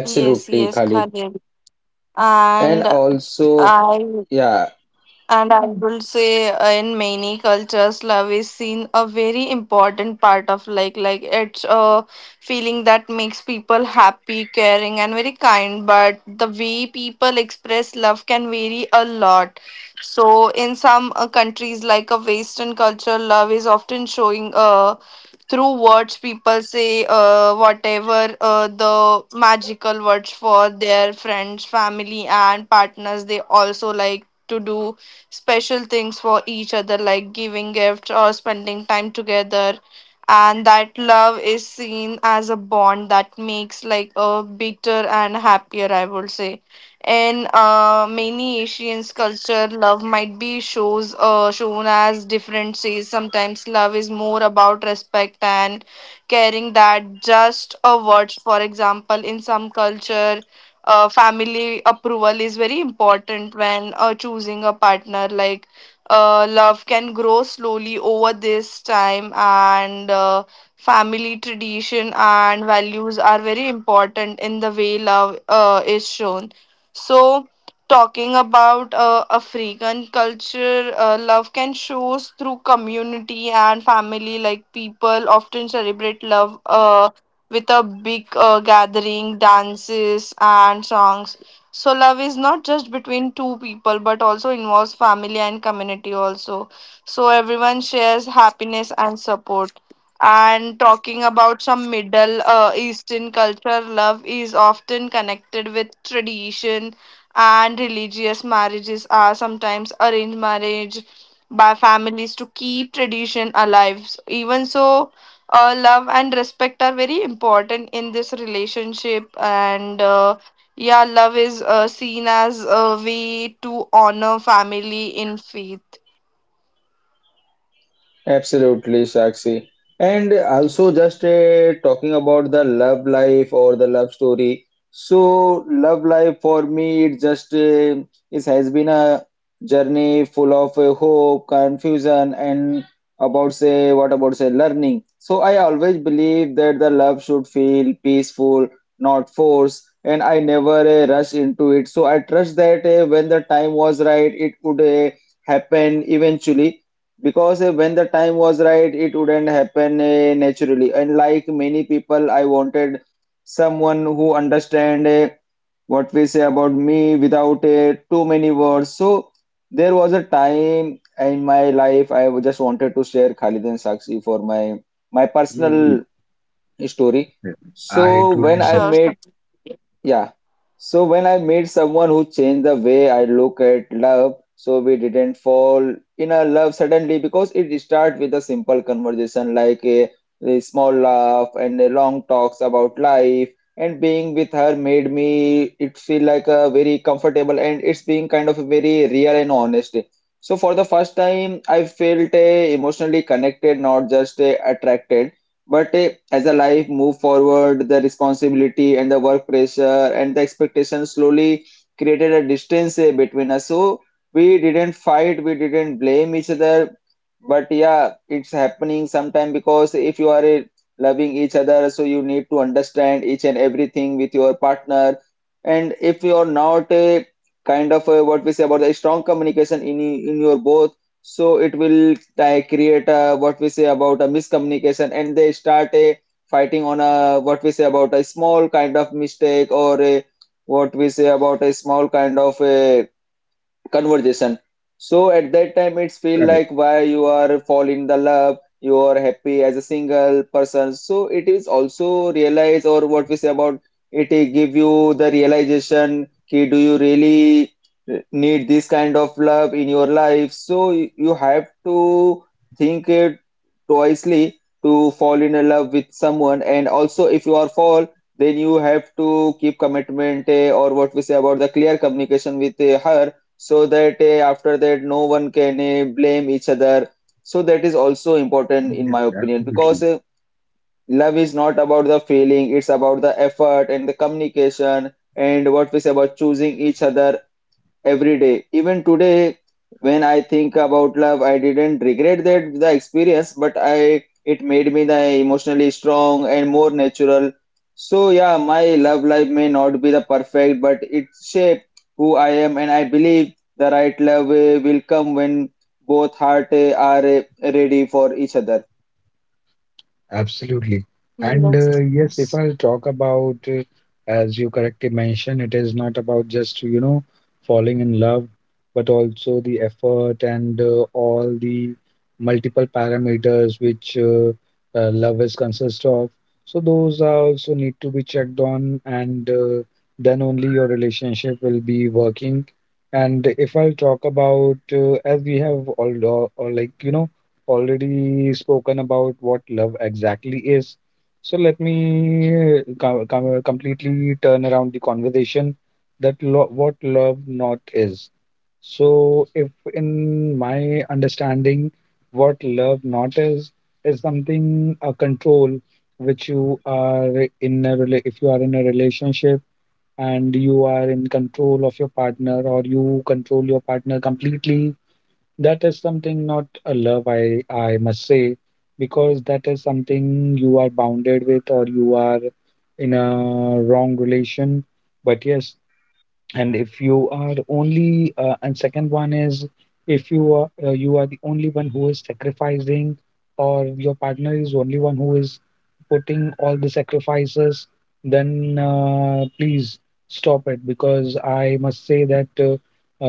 Speaker 3: Yes, yes,
Speaker 1: Khalid.
Speaker 3: Khalid.
Speaker 1: And
Speaker 3: And
Speaker 1: also,
Speaker 3: I
Speaker 1: yeah.
Speaker 3: And I will say, in many cultures, love is seen a very important part of like it's a feeling that makes people happy, caring, and very kind. But the way people express love can vary a lot. So in some countries like a Western culture, love is often showing through words people say, whatever the magical words for their friends, family, and partners. They also like to do special things for each other, like giving gifts or spending time together, and that love is seen as a bond that makes like a bitter and happier, I would say. In many Asian culture, love might be shows shown as different says. Sometimes love is more about respect and caring that just a word. For example, in some culture, family approval is very important when choosing a partner. Like love can grow slowly over this time. And. Family tradition and values are very important in the way love is shown. So, talking about African culture, love can shows through community and family. Like people often celebrate love with a big gathering, dances, and songs. So love is not just between two people, but also involves family and community also. So everyone shares happiness and support. And talking about some middle eastern culture, love is often connected with tradition and religious. Marriages are sometimes arranged marriage by families to keep tradition alive. Even so, love and respect are very important in this relationship, and yeah, love is seen as a way to honor family in faith.
Speaker 1: Absolutely, Sakshi. And also, just talking about the love life or the love story. So, love life for me, it just it has been a journey full of hope, confusion, and about say what about say learning. So, I always believe that the love should feel peaceful, not forced, and I never rush into it. So, I trust that when the time was right, it would happen eventually. Because when the time was right, it wouldn't happen naturally. And like many people, I wanted someone who understand what we say about me without too many words. So there was a time in my life just wanted to share Khalid and Sakshi for my my personal
Speaker 2: Mm,
Speaker 1: story. So
Speaker 2: I totally
Speaker 1: when I
Speaker 2: agree.
Speaker 3: Sure,
Speaker 1: made
Speaker 3: sure.
Speaker 1: yeah. So when I met someone who changed the way I look at love, so we didn't fall in a love suddenly, because it started with a simple conversation like a small laugh and a long talks about life. And being with her made me it feel like a very comfortable, and it's being kind of very real and honest. So for the first time, I felt emotionally connected, not just attracted. But as a life move forward, the responsibility and the work pressure and the expectation slowly created a distance between us. So we didn't fight, we didn't blame each other, but yeah, it's happening sometime. Because if you are loving each other, so you need to understand each and everything with your partner. And if you are not a kind of what we say about the strong communication in in your both, so it will like create what we say about a miscommunication, and they start a fighting on a, what we say about a small kind of mistake or a, what we say about a small kind of a conversation. So at that time, it's feel
Speaker 2: Correct.
Speaker 1: like why you are fall in the love, you are happy as a single person. So it is also realize, or what we say about it, give you the realization. Ki, do you really need this kind of love in your life? So you have to think it twicely to fall in love with someone. And also, if you are fall, then you have to keep commitment or what we say about the clear communication with her, so that after that, no one can blame each other. So that is also important, in
Speaker 2: Yes,
Speaker 1: my opinion, because
Speaker 2: absolutely.
Speaker 1: love is not about the feeling, it's about the effort and the communication and what we say about choosing each other every day. Even today, when I think about love, I didn't regret that the experience, but I it made me the emotionally strong and more natural. So yeah, my love life may not be the perfect, but it shaped who I am, and I believe the right love will come when both heart are ready for each other.
Speaker 2: Absolutely. And
Speaker 3: Yes,
Speaker 2: yes, if
Speaker 3: yes.
Speaker 2: I'll talk about, as you correctly mentioned, it is not about just, you know, falling in love, but also the effort and all the multiple parameters which love is consist of. So those are also need to be checked on, and then only your relationship will be working. And if I'll talk about, as we have or like, you know, already spoken about what love exactly is. So let me completely turn around the conversation that what love not is. So if in my understanding, what love not is is something a control which you are in a if you are in a relationship and you are in control of your partner or you control your partner completely, that is something not a love, I must say, because that is something you are bounded with or you are in a wrong relation. But yes, and if you are only and second one is if you are you are the only one who is sacrificing or your partner is only one who is putting all the sacrifices, then please stop it because I must say that uh,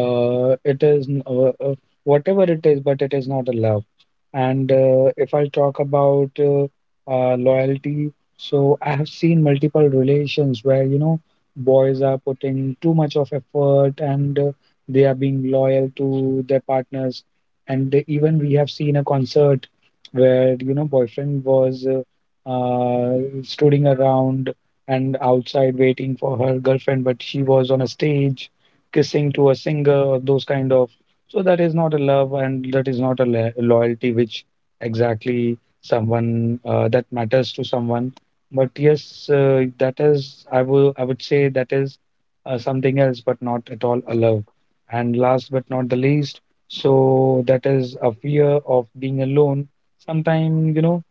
Speaker 2: uh, it is whatever it is, but it is not a love. And if I talk about loyalty, so I have seen multiple relations where you know boys are putting too much of effort, and they are being loyal to their partners, and even we have seen a concert where you know boyfriend was strolling around and outside waiting for her girlfriend, but she was on a stage kissing to a singer, those kind of. So that is not a love, and that is not a loyalty which exactly someone that matters to someone. But yes, that is, I would say that is something else, but not at all a love. And last but not the least, so that is a fear of being alone. Sometimes, you know,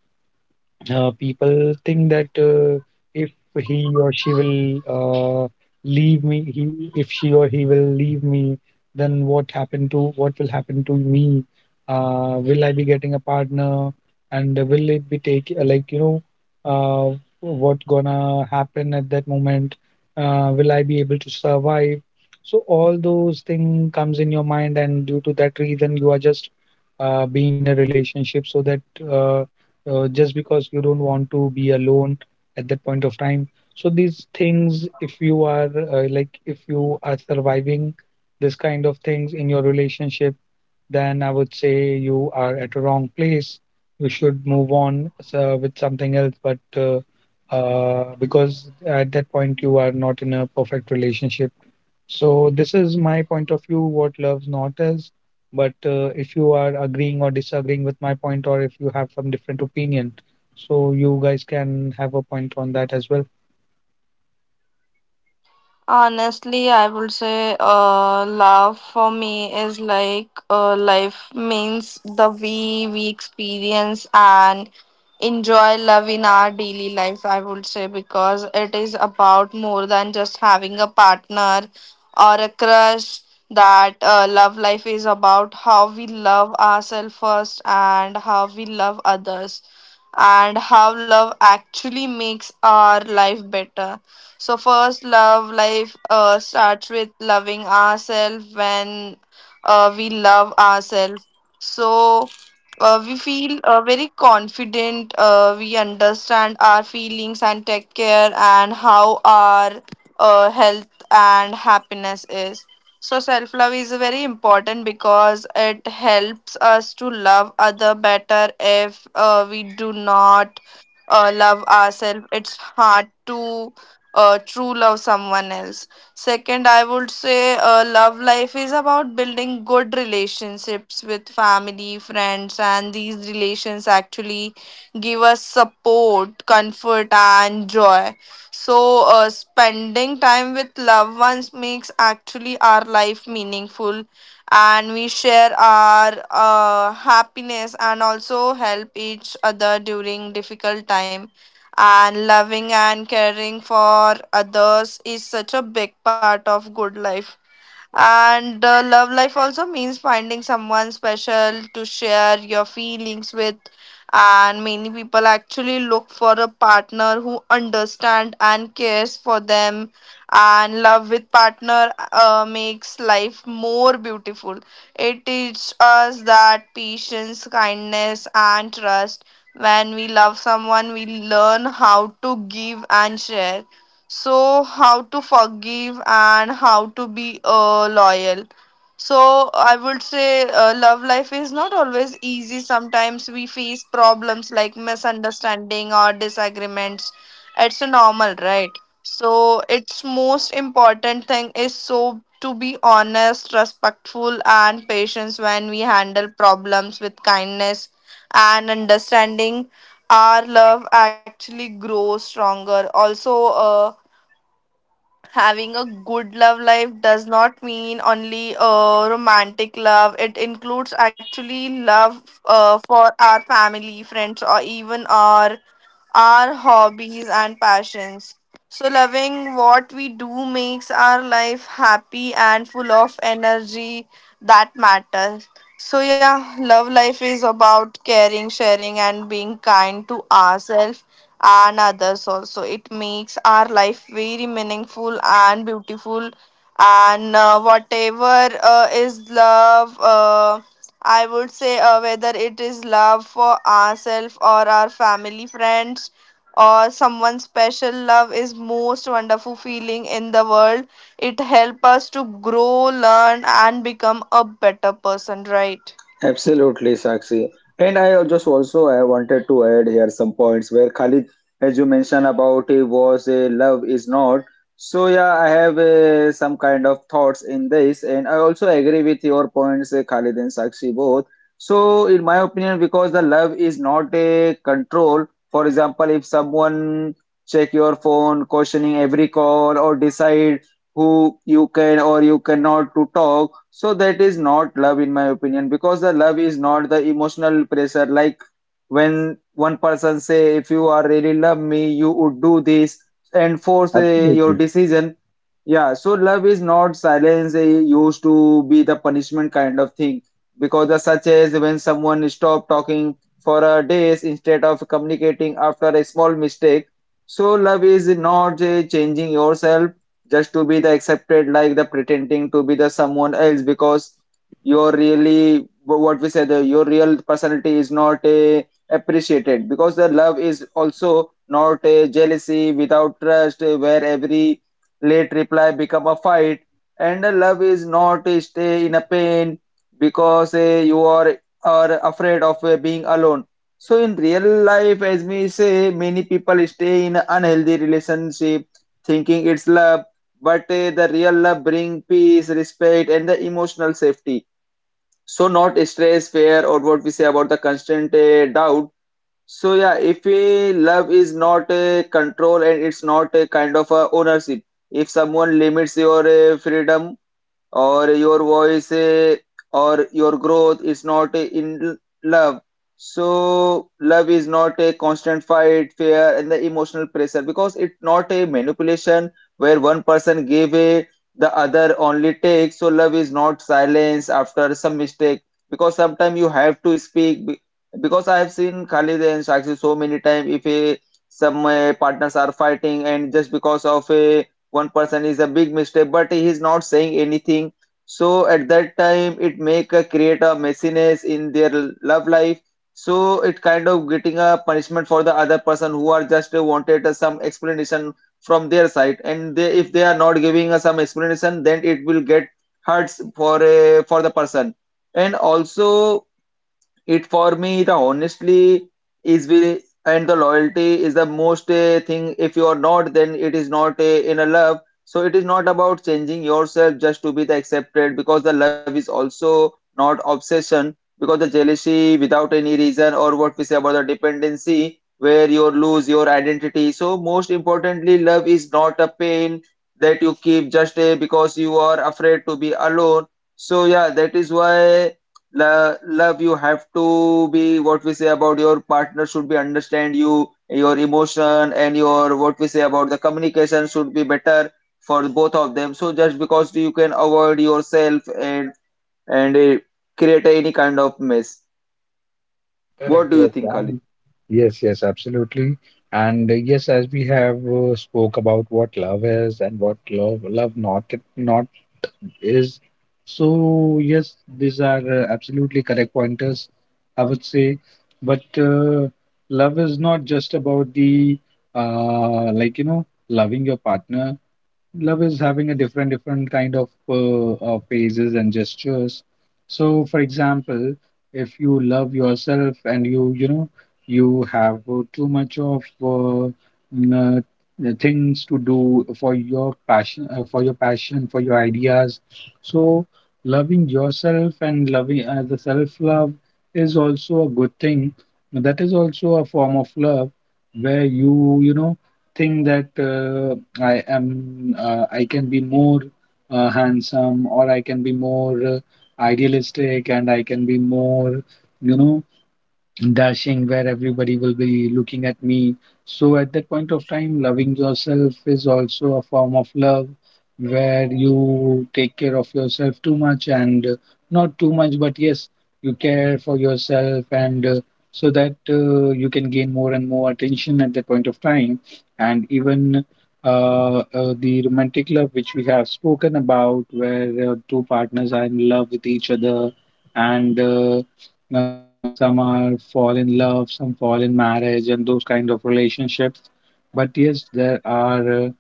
Speaker 2: people think that if he or she will leave me, he if she or he will leave me, then what will happen to me? Will I be getting a partner? And will it be take what gonna happen at that moment? Will I be able to survive? So all those thing comes in your mind, and due to that reason, you are just being in a relationship so that uh, just because you don't want to be alone at that point of time. So these things, if you are if you are surviving this kind of things in your relationship, then I would say you are at a wrong place. You should move on with something else. But because at that point you are not in a perfect relationship. So this is my point of view. What love not is. But if you are agreeing or disagreeing with my point, or if you have some different opinion, so you guys can have a point on that as well.
Speaker 3: Honestly, I would say love for me is like life means the way we experience and enjoy love in our daily life, I would say, because it is about more than just having a partner or a crush. That love life is about how we love ourselves first and how we love others and how love actually makes our life better. So first, love life starts with loving ourselves. When we love ourselves, so we feel very confident. We understand our feelings and take care and how our health and happiness is. So self love is very important because it helps us to love other better. If we do not love ourselves, it's hard to true love someone else. Second, I would say love life is about building good relationships with family, friends, and these relations actually give us support, comfort, and joy. So spending time with loved ones makes actually our life meaningful, and we share our happiness and also help each other during difficult time. And loving and caring for others is such a big part of good life. And love life also means finding someone special to share your feelings with. And many people actually look for a partner who understand and cares for them. And love with partner makes life more beautiful. It teaches us that patience, kindness, and trust. When we love someone, we learn how to give and share, so how to forgive and how to be loyal. So I would say love life is not always easy. Sometimes we face problems like misunderstanding or disagreements. It's normal, right? So its most important thing is so to be honest, respectful, and patience. When we handle problems with kindness and understanding, our love actually grows stronger. Also, having a good love life does not mean only romantic love. It includes actually love for our family, friends, or even our hobbies and passions. So loving what we do makes our life happy and full of energy, that matter. So yeah, love life is about caring, sharing, and being kind to ourselves and others also. It makes our life very meaningful and beautiful. And whatever is love, I would say whether it is love for ourselves or our family, friends, or someone special, love is most wonderful feeling in the world. It helps us to grow, learn, and become a better person, right?
Speaker 1: Absolutely, Sakshi. And I just also I wanted to add here some points where Khalid, as you mentioned about it, was a love is not. So yeah, I have some kind of thoughts in this, and I also agree with your points, Khalid and Sakshi both. So in my opinion, because the love is not a control. For example, if someone check your phone, questioning every call, or decide who you can or you cannot to talk, so that is not love, in my opinion. Because the love is not the emotional pressure, like when one person say if you are really love me, you would do this, and force your
Speaker 2: Absolutely.
Speaker 1: decision. Yeah, so love is not silence used to be the punishment kind of thing. Because the such as when someone stop talking for a days instead of communicating after a small mistake. So love is not changing yourself just to be the accepted, like the pretending to be the someone else, because your really what we said, the, your real personality is not a appreciated. Because the love is also not a jealousy without trust, where every late reply become a fight. And the love is not a stay in a pain, because you are afraid of being alone. So in real life, as we say, many people stay in unhealthy relationship thinking it's love, but the real love bring peace, respect, and the emotional safety. So not stress, fear, or what we say about the constant doubt. So yeah, if love is not a control, and it's not a kind of a ownership, if someone limits your freedom or your voice, or your growth is not love. So love is not a constant fight, fear, and the emotional pressure, because it's not a manipulation where one person give a, the other only take. So love is not silence after some mistake, because sometimes you have to because I have seen Khalid and Shakshi so many times, if a some partners are fighting and just because of a one person is a big mistake, but he is not saying anything, so at that time it make a create a messiness in their love life. So it kind of getting a punishment for the other person who are just wanted some explanation from their side, and they, if they are not giving us some explanation, then it will get hurts for the person. And also it for me, the honestly is we, and the loyalty is the most thing. If you are not, then it is not in a love. So it is not about changing yourself just to be the accepted, because the love is also not obsession, because the jealousy without any reason, or what we say about the dependency where you lose your identity. So most importantly, love is not a pain that you keep just because you are afraid to be alone. So yeah, that is why. Love, you have to be, what we say about your partner should be understand you, your emotion, and your, what we say about the communication, should be better for both of them. So just because you can avoid yourself and and uh, create any kind of mess. What
Speaker 2: Correct.
Speaker 1: do you
Speaker 2: Yes.
Speaker 1: think, Ali?
Speaker 2: And yes, yes, absolutely. And yes, as we have spoke about what love is and what love not is. So yes, these are absolutely correct pointers, I would say. But love is not just about the loving your partner. Love is having a different different kind of phases and gestures. So for example, if you love yourself and you know you have too much of n- uh, the things to do for your passion, for your ideas. So loving yourself and loving the self love is also a good thing. That is also a form of love where you know think that I am I can be more handsome or I can be more idealistic and I can be more you know dashing where everybody will be looking at me. So at that point of time, loving yourself is also a form of love where you take care of yourself too much, and not too much, but yes, you care for yourself, and so that you can gain more and more attention at that point of time. And even the romantic love, which we have spoken about, where two partners are in love with each other, and some are fall in love, some fall in marriage, and those kind of relationships. But yes, there are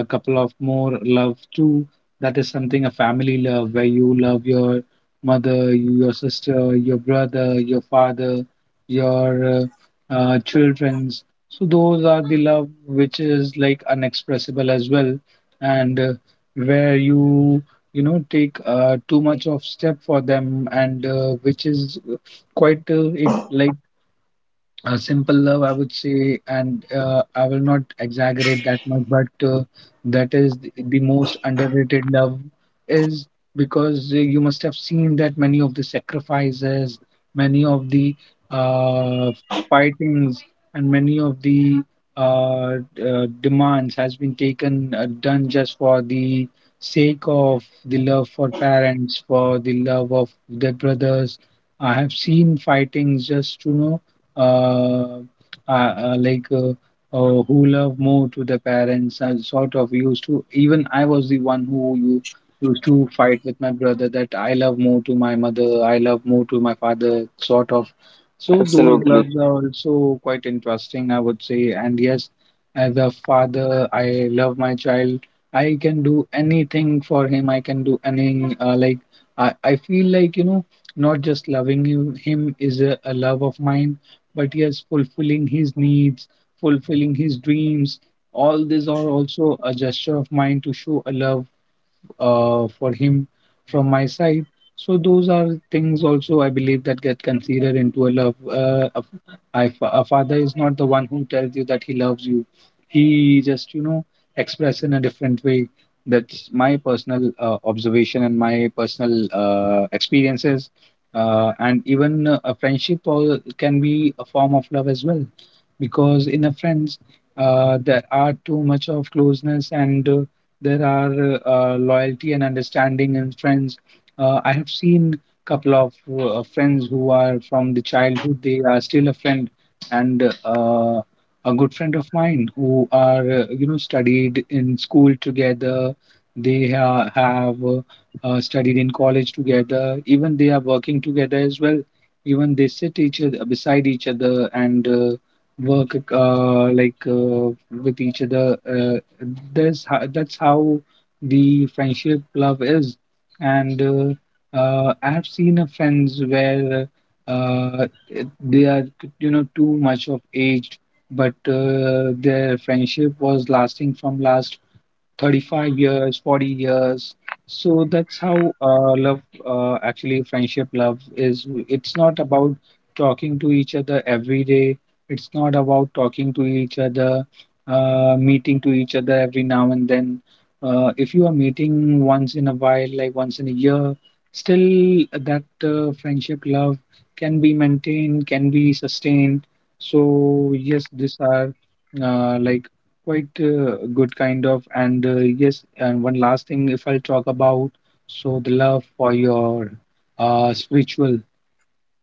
Speaker 2: a couple of more love too. That is something a family love where you love your mother, your sister, your brother, your father, your children's. So those are the love which is like unexpressible as well, and where you know take too much of step for them, and which is quite it, like simple love I would say, and I will not exaggerate that much, but that is the most underrated love is because you must have seen that many of the sacrifices, many of the uh, fightings, and many of the uh, demands has been taken done just for the sake of the love for parents, for the love of their brothers. I have seen fightings just to know uh, uh, uh, like uh, who love more to the parents, and sort of used to. Even I was the one who you used to fight with my brother that I love more to my mother, I love more to my father, sort of. So those
Speaker 1: Absolutely.
Speaker 2: loves are also quite interesting, I would say. And yes, as a father, I love my child. I can do anything for him. I can do any, I feel like you know not just loving him, him is a love of mine, but yes, fulfilling his needs, fulfilling his dreams, all these are also a gesture of mine to show a love for him from my side. So those are things also I believe that get considered into a love. A father is not the one who tells you that he loves you. He just you know express in a different way. That's my personal observation and my personal experiences. And even a friendship can be a form of love as well, because in a friends there are too much of closeness, and there are loyalty and understanding in friends. I have seen couple of friends who are from the childhood. They are still a friend, and a good friend of mine who are you know studied in school together. They have studied in college together. Even they are working together as well. Even they sit each other beside each other, and work with each other that's how the friendship love is. And I have seen a friends where they are you know too much of age, but their friendship was lasting from last 35 years, 40 years. So that's how love, actually, friendship love is. It's not about talking to each other every day. It's not about talking to each other, meeting to each other every now and then. If you are meeting once in a while, like once in a year, still that friendship love can be maintained, can be sustained. So, yes, these are uh, like quite good kind of, and yes, and one last thing if I'll talk about, so the love for your spiritual,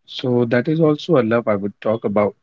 Speaker 2: so that is also a love I would talk about.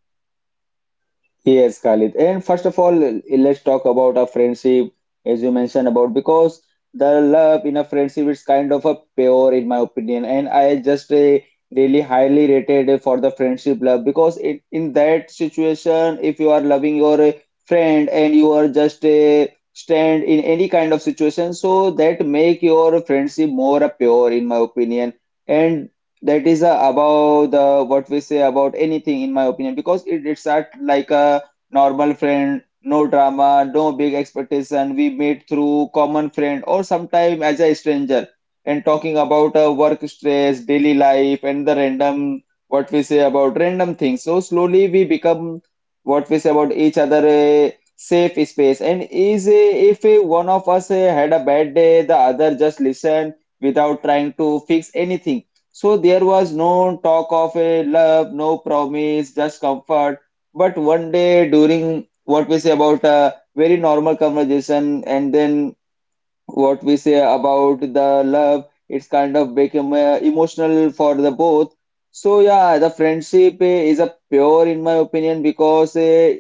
Speaker 1: Yes, Khalid. And first of all, let's talk about a friendship, as you mentioned about, because the love in a friendship is kind of a pure, in my opinion. And I just really highly rated for the friendship love because it in that situation, if you are loving your friend and you are just stand in any kind of situation, so that make your friendship more pure, in my opinion. And that is about the what we say about anything in my opinion because it's at like a normal friend, no drama, no big expectation, we meet through common friend or sometime as a stranger and talking about work stress, daily life and the random what we say about random things, so slowly we become what we say about each other a safe space. And is if one of us had a bad day, the other just listen without trying to fix anything. So there was no talk of a love, no promise, just comfort. But one day during what we say about a very normal conversation, and then what we say about the love, it's kind of become emotional for the both. So yeah, the friendship is a pure, in my opinion, because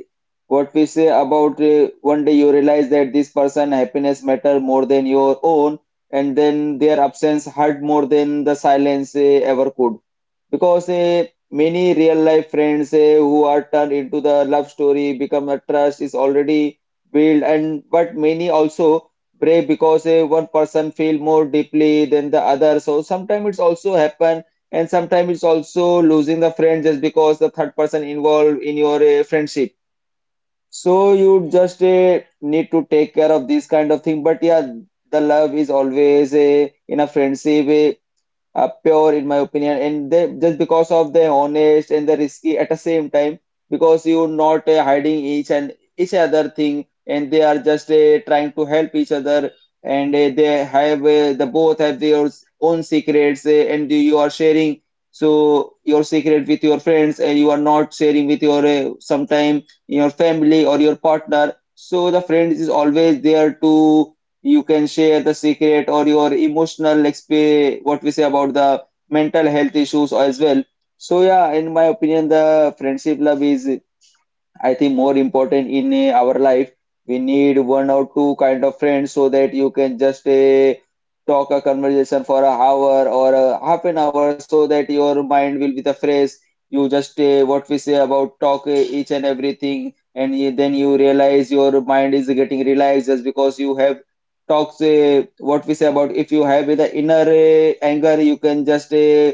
Speaker 1: what we say about one day you realize that this person happiness matter more than your own, and then their absence hurt more than the silence ever could. Because many real life friends who are turned into the love story become a trust is already built. And but many also break because one person feel more deeply than the other, so sometimes it's also happen. And sometimes it's also losing the friend just because the third person involved in your friendship. So you just need to take care of this kind of thing. But yeah, the love is always in a friendship pure, in my opinion, and they just because of the honest and the risky at the same time, because you're not hiding each and each other thing, and they are just trying to help each other. And they have the both have their own secrets and you are sharing, so your secret with your friends, and you are not sharing with your sometime your family or your partner. So the friend is always there to, you can share the secret or your emotional exp, what we say about the mental health issues as well. So yeah, in my opinion, the friendship love is, I think, more important in our life. We need one or two kind of friends so that you can just talk a conversation for a hour or a half an hour so that your mind will be the fresh. You just what we say about talk each and everything, and then you realize your mind is getting relaxed just because you have talks. What we say about if you have the inner anger, you can just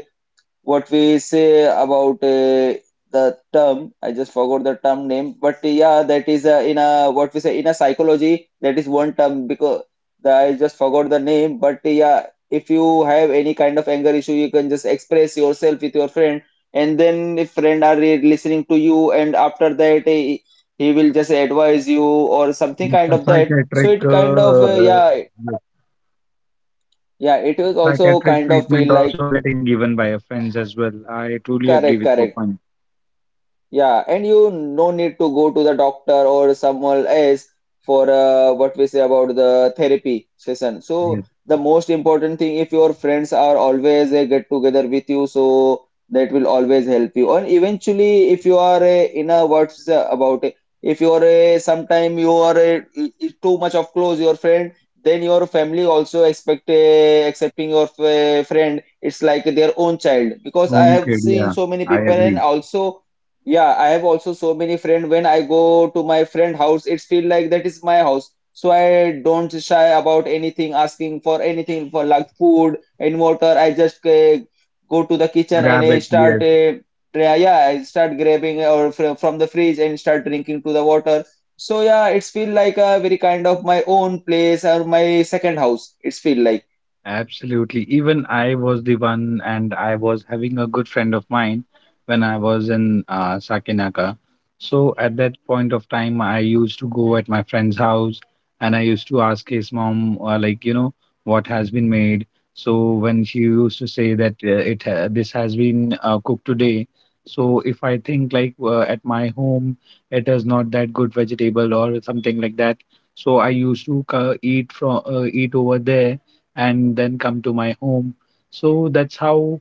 Speaker 1: what we say about the term, I just forgot the term name, but yeah, that is in a what we say in a psychology, that is one term. Because I just forgot the name, but yeah, if you have any kind of anger issue, you can just express yourself with your friend. And then if friend are listening to you, and after that he will just advise you or something kind
Speaker 2: The
Speaker 1: of that,
Speaker 2: Psychiatric
Speaker 1: so it kind of
Speaker 2: uh,
Speaker 1: yeah,
Speaker 2: the
Speaker 1: yeah, it is also
Speaker 2: psychiatric
Speaker 1: kind of
Speaker 2: treatment
Speaker 1: feel like
Speaker 2: also getting given by your friends as well. I truly agree
Speaker 1: correct,
Speaker 2: with your
Speaker 1: correct.
Speaker 2: point.
Speaker 1: Yeah, and you no need to go to the doctor or someone else for what we say about the therapy session. So
Speaker 2: Yes.
Speaker 1: the most important thing, if your friends are always get together with you, so that will always help you. And eventually, if you are in a what's about it, if you are sometime you are too much of close your friend, then your family also expect accepting your friend. It's like their own child, because I have
Speaker 2: Okay,
Speaker 1: seen
Speaker 2: yeah,
Speaker 1: so many
Speaker 2: I
Speaker 1: people and
Speaker 2: agree.
Speaker 1: also. Yeah, I have also so many friend. When I go to my friend house, it's feel like that is my house. So I don't shy about anything, asking for anything for like food and water. I just go to the kitchen and
Speaker 2: Grab
Speaker 1: I
Speaker 2: it, yes.
Speaker 1: start, yeah, yeah, I start grabbing or fr from the fridge and start drinking to the water. So yeah, it's feel like a very kind of my own place or my second house. It's feel like
Speaker 2: Absolutely. Even I was the one, and I was having a good friend of mine when I was in Sakinaka. So at that point of time, I used to go at my friend's house, and I used to ask his mom, like, you know, what has been made. So when she used to say that this has been cooked today. So if I think like at my home, it is not that good vegetable or something like that. So I used to eat over there and then come to my home. So that's how,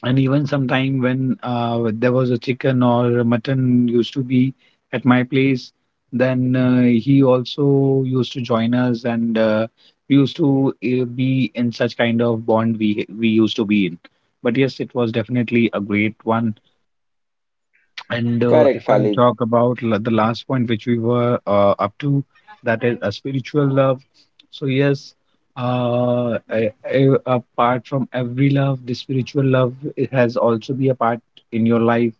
Speaker 2: and even sometime when there was a chicken or a mutton used to be at my place, then he also used to join us, and we used to be in such kind of bond we used to be in. But yes, it was definitely a great one. And
Speaker 1: correct,
Speaker 2: if I'll
Speaker 1: Khalid.
Speaker 2: talk about the last point which we were up to, that is a spiritual love. So yes, I, apart from every love, the spiritual love it has also be a part in your life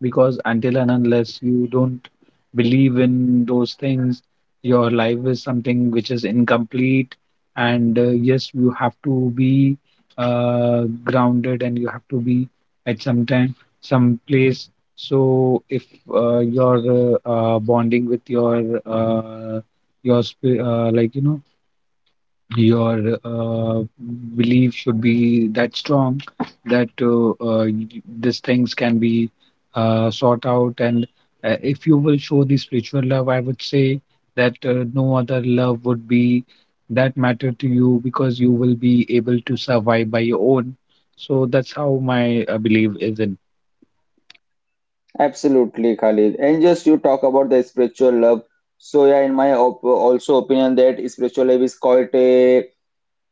Speaker 2: because until and unless you don't believe in those things, your life is something which is incomplete. And yes, you have to be grounded and you have to be at some time, some place. So if you're bonding with your spi- like you know your belief should be that strong that these things can be sought out. And if you will show the spiritual love, I would say that no other love would be that matter to you because you will be able to survive by your own. So that's how my belief is in.
Speaker 1: Absolutely, Khalid. And just you talk about the spiritual love. So yeah, in my op also opinion, that spiritual love is quite a,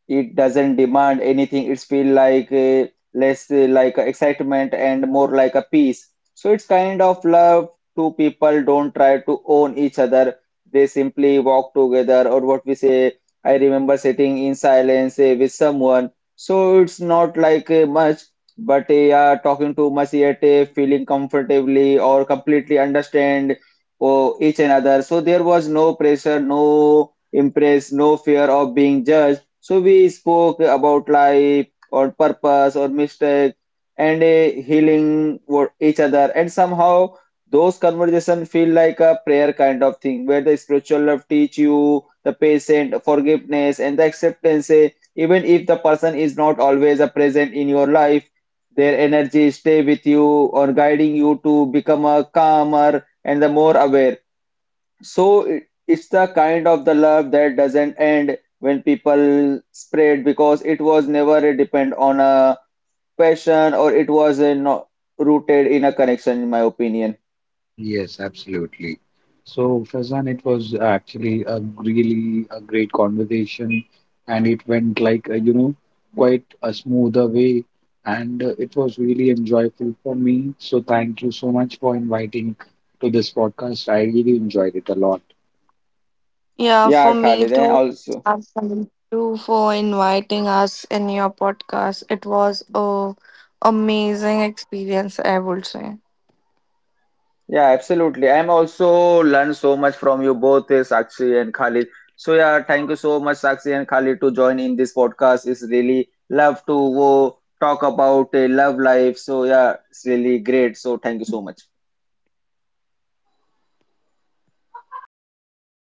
Speaker 1: it doesn't demand anything. It's feel like less like a excitement and more like a peace. So it's kind of love. Two people don't try to own each other. They simply walk together, or what we say. I remember sitting in silence with someone. So it's not like much, but yeah, talking too much yet feeling comfortably or completely understand, oh, each another. So there was no pressure, no impress, no fear of being judged. So we spoke about life or purpose or mistake and a healing for each other. And somehow those conversations feel like a prayer kind of thing, where the spiritual love teach you the patient forgiveness and the acceptance. Even if the person is not always a present in your life, their energy stay with you or guiding you to become a calmer and the more aware. So it's the kind of the love that doesn't end when people spread, because it was never a depend on a passion, or it was a not rooted in a connection, in my opinion.
Speaker 2: Yes, absolutely. So, Faizan, it was actually a really a great conversation, and it went like quite a smoother way, and it was really enjoyable for me. So, thank you so much for inviting to this podcast. I really enjoyed it a lot.
Speaker 3: Yeah,
Speaker 1: Yeah,
Speaker 3: for me
Speaker 1: Khalid, I
Speaker 3: too.
Speaker 1: also.
Speaker 3: And thank you for inviting us in your podcast. It was a amazing experience, I would say.
Speaker 1: Yeah, absolutely. I'm also learned so much from you both, Sakshi and Khalid. So yeah, thank you so much, Sakshi and Khalid, to join in this podcast. It's really love to talk about love life. So yeah, it's really great. So thank you so much.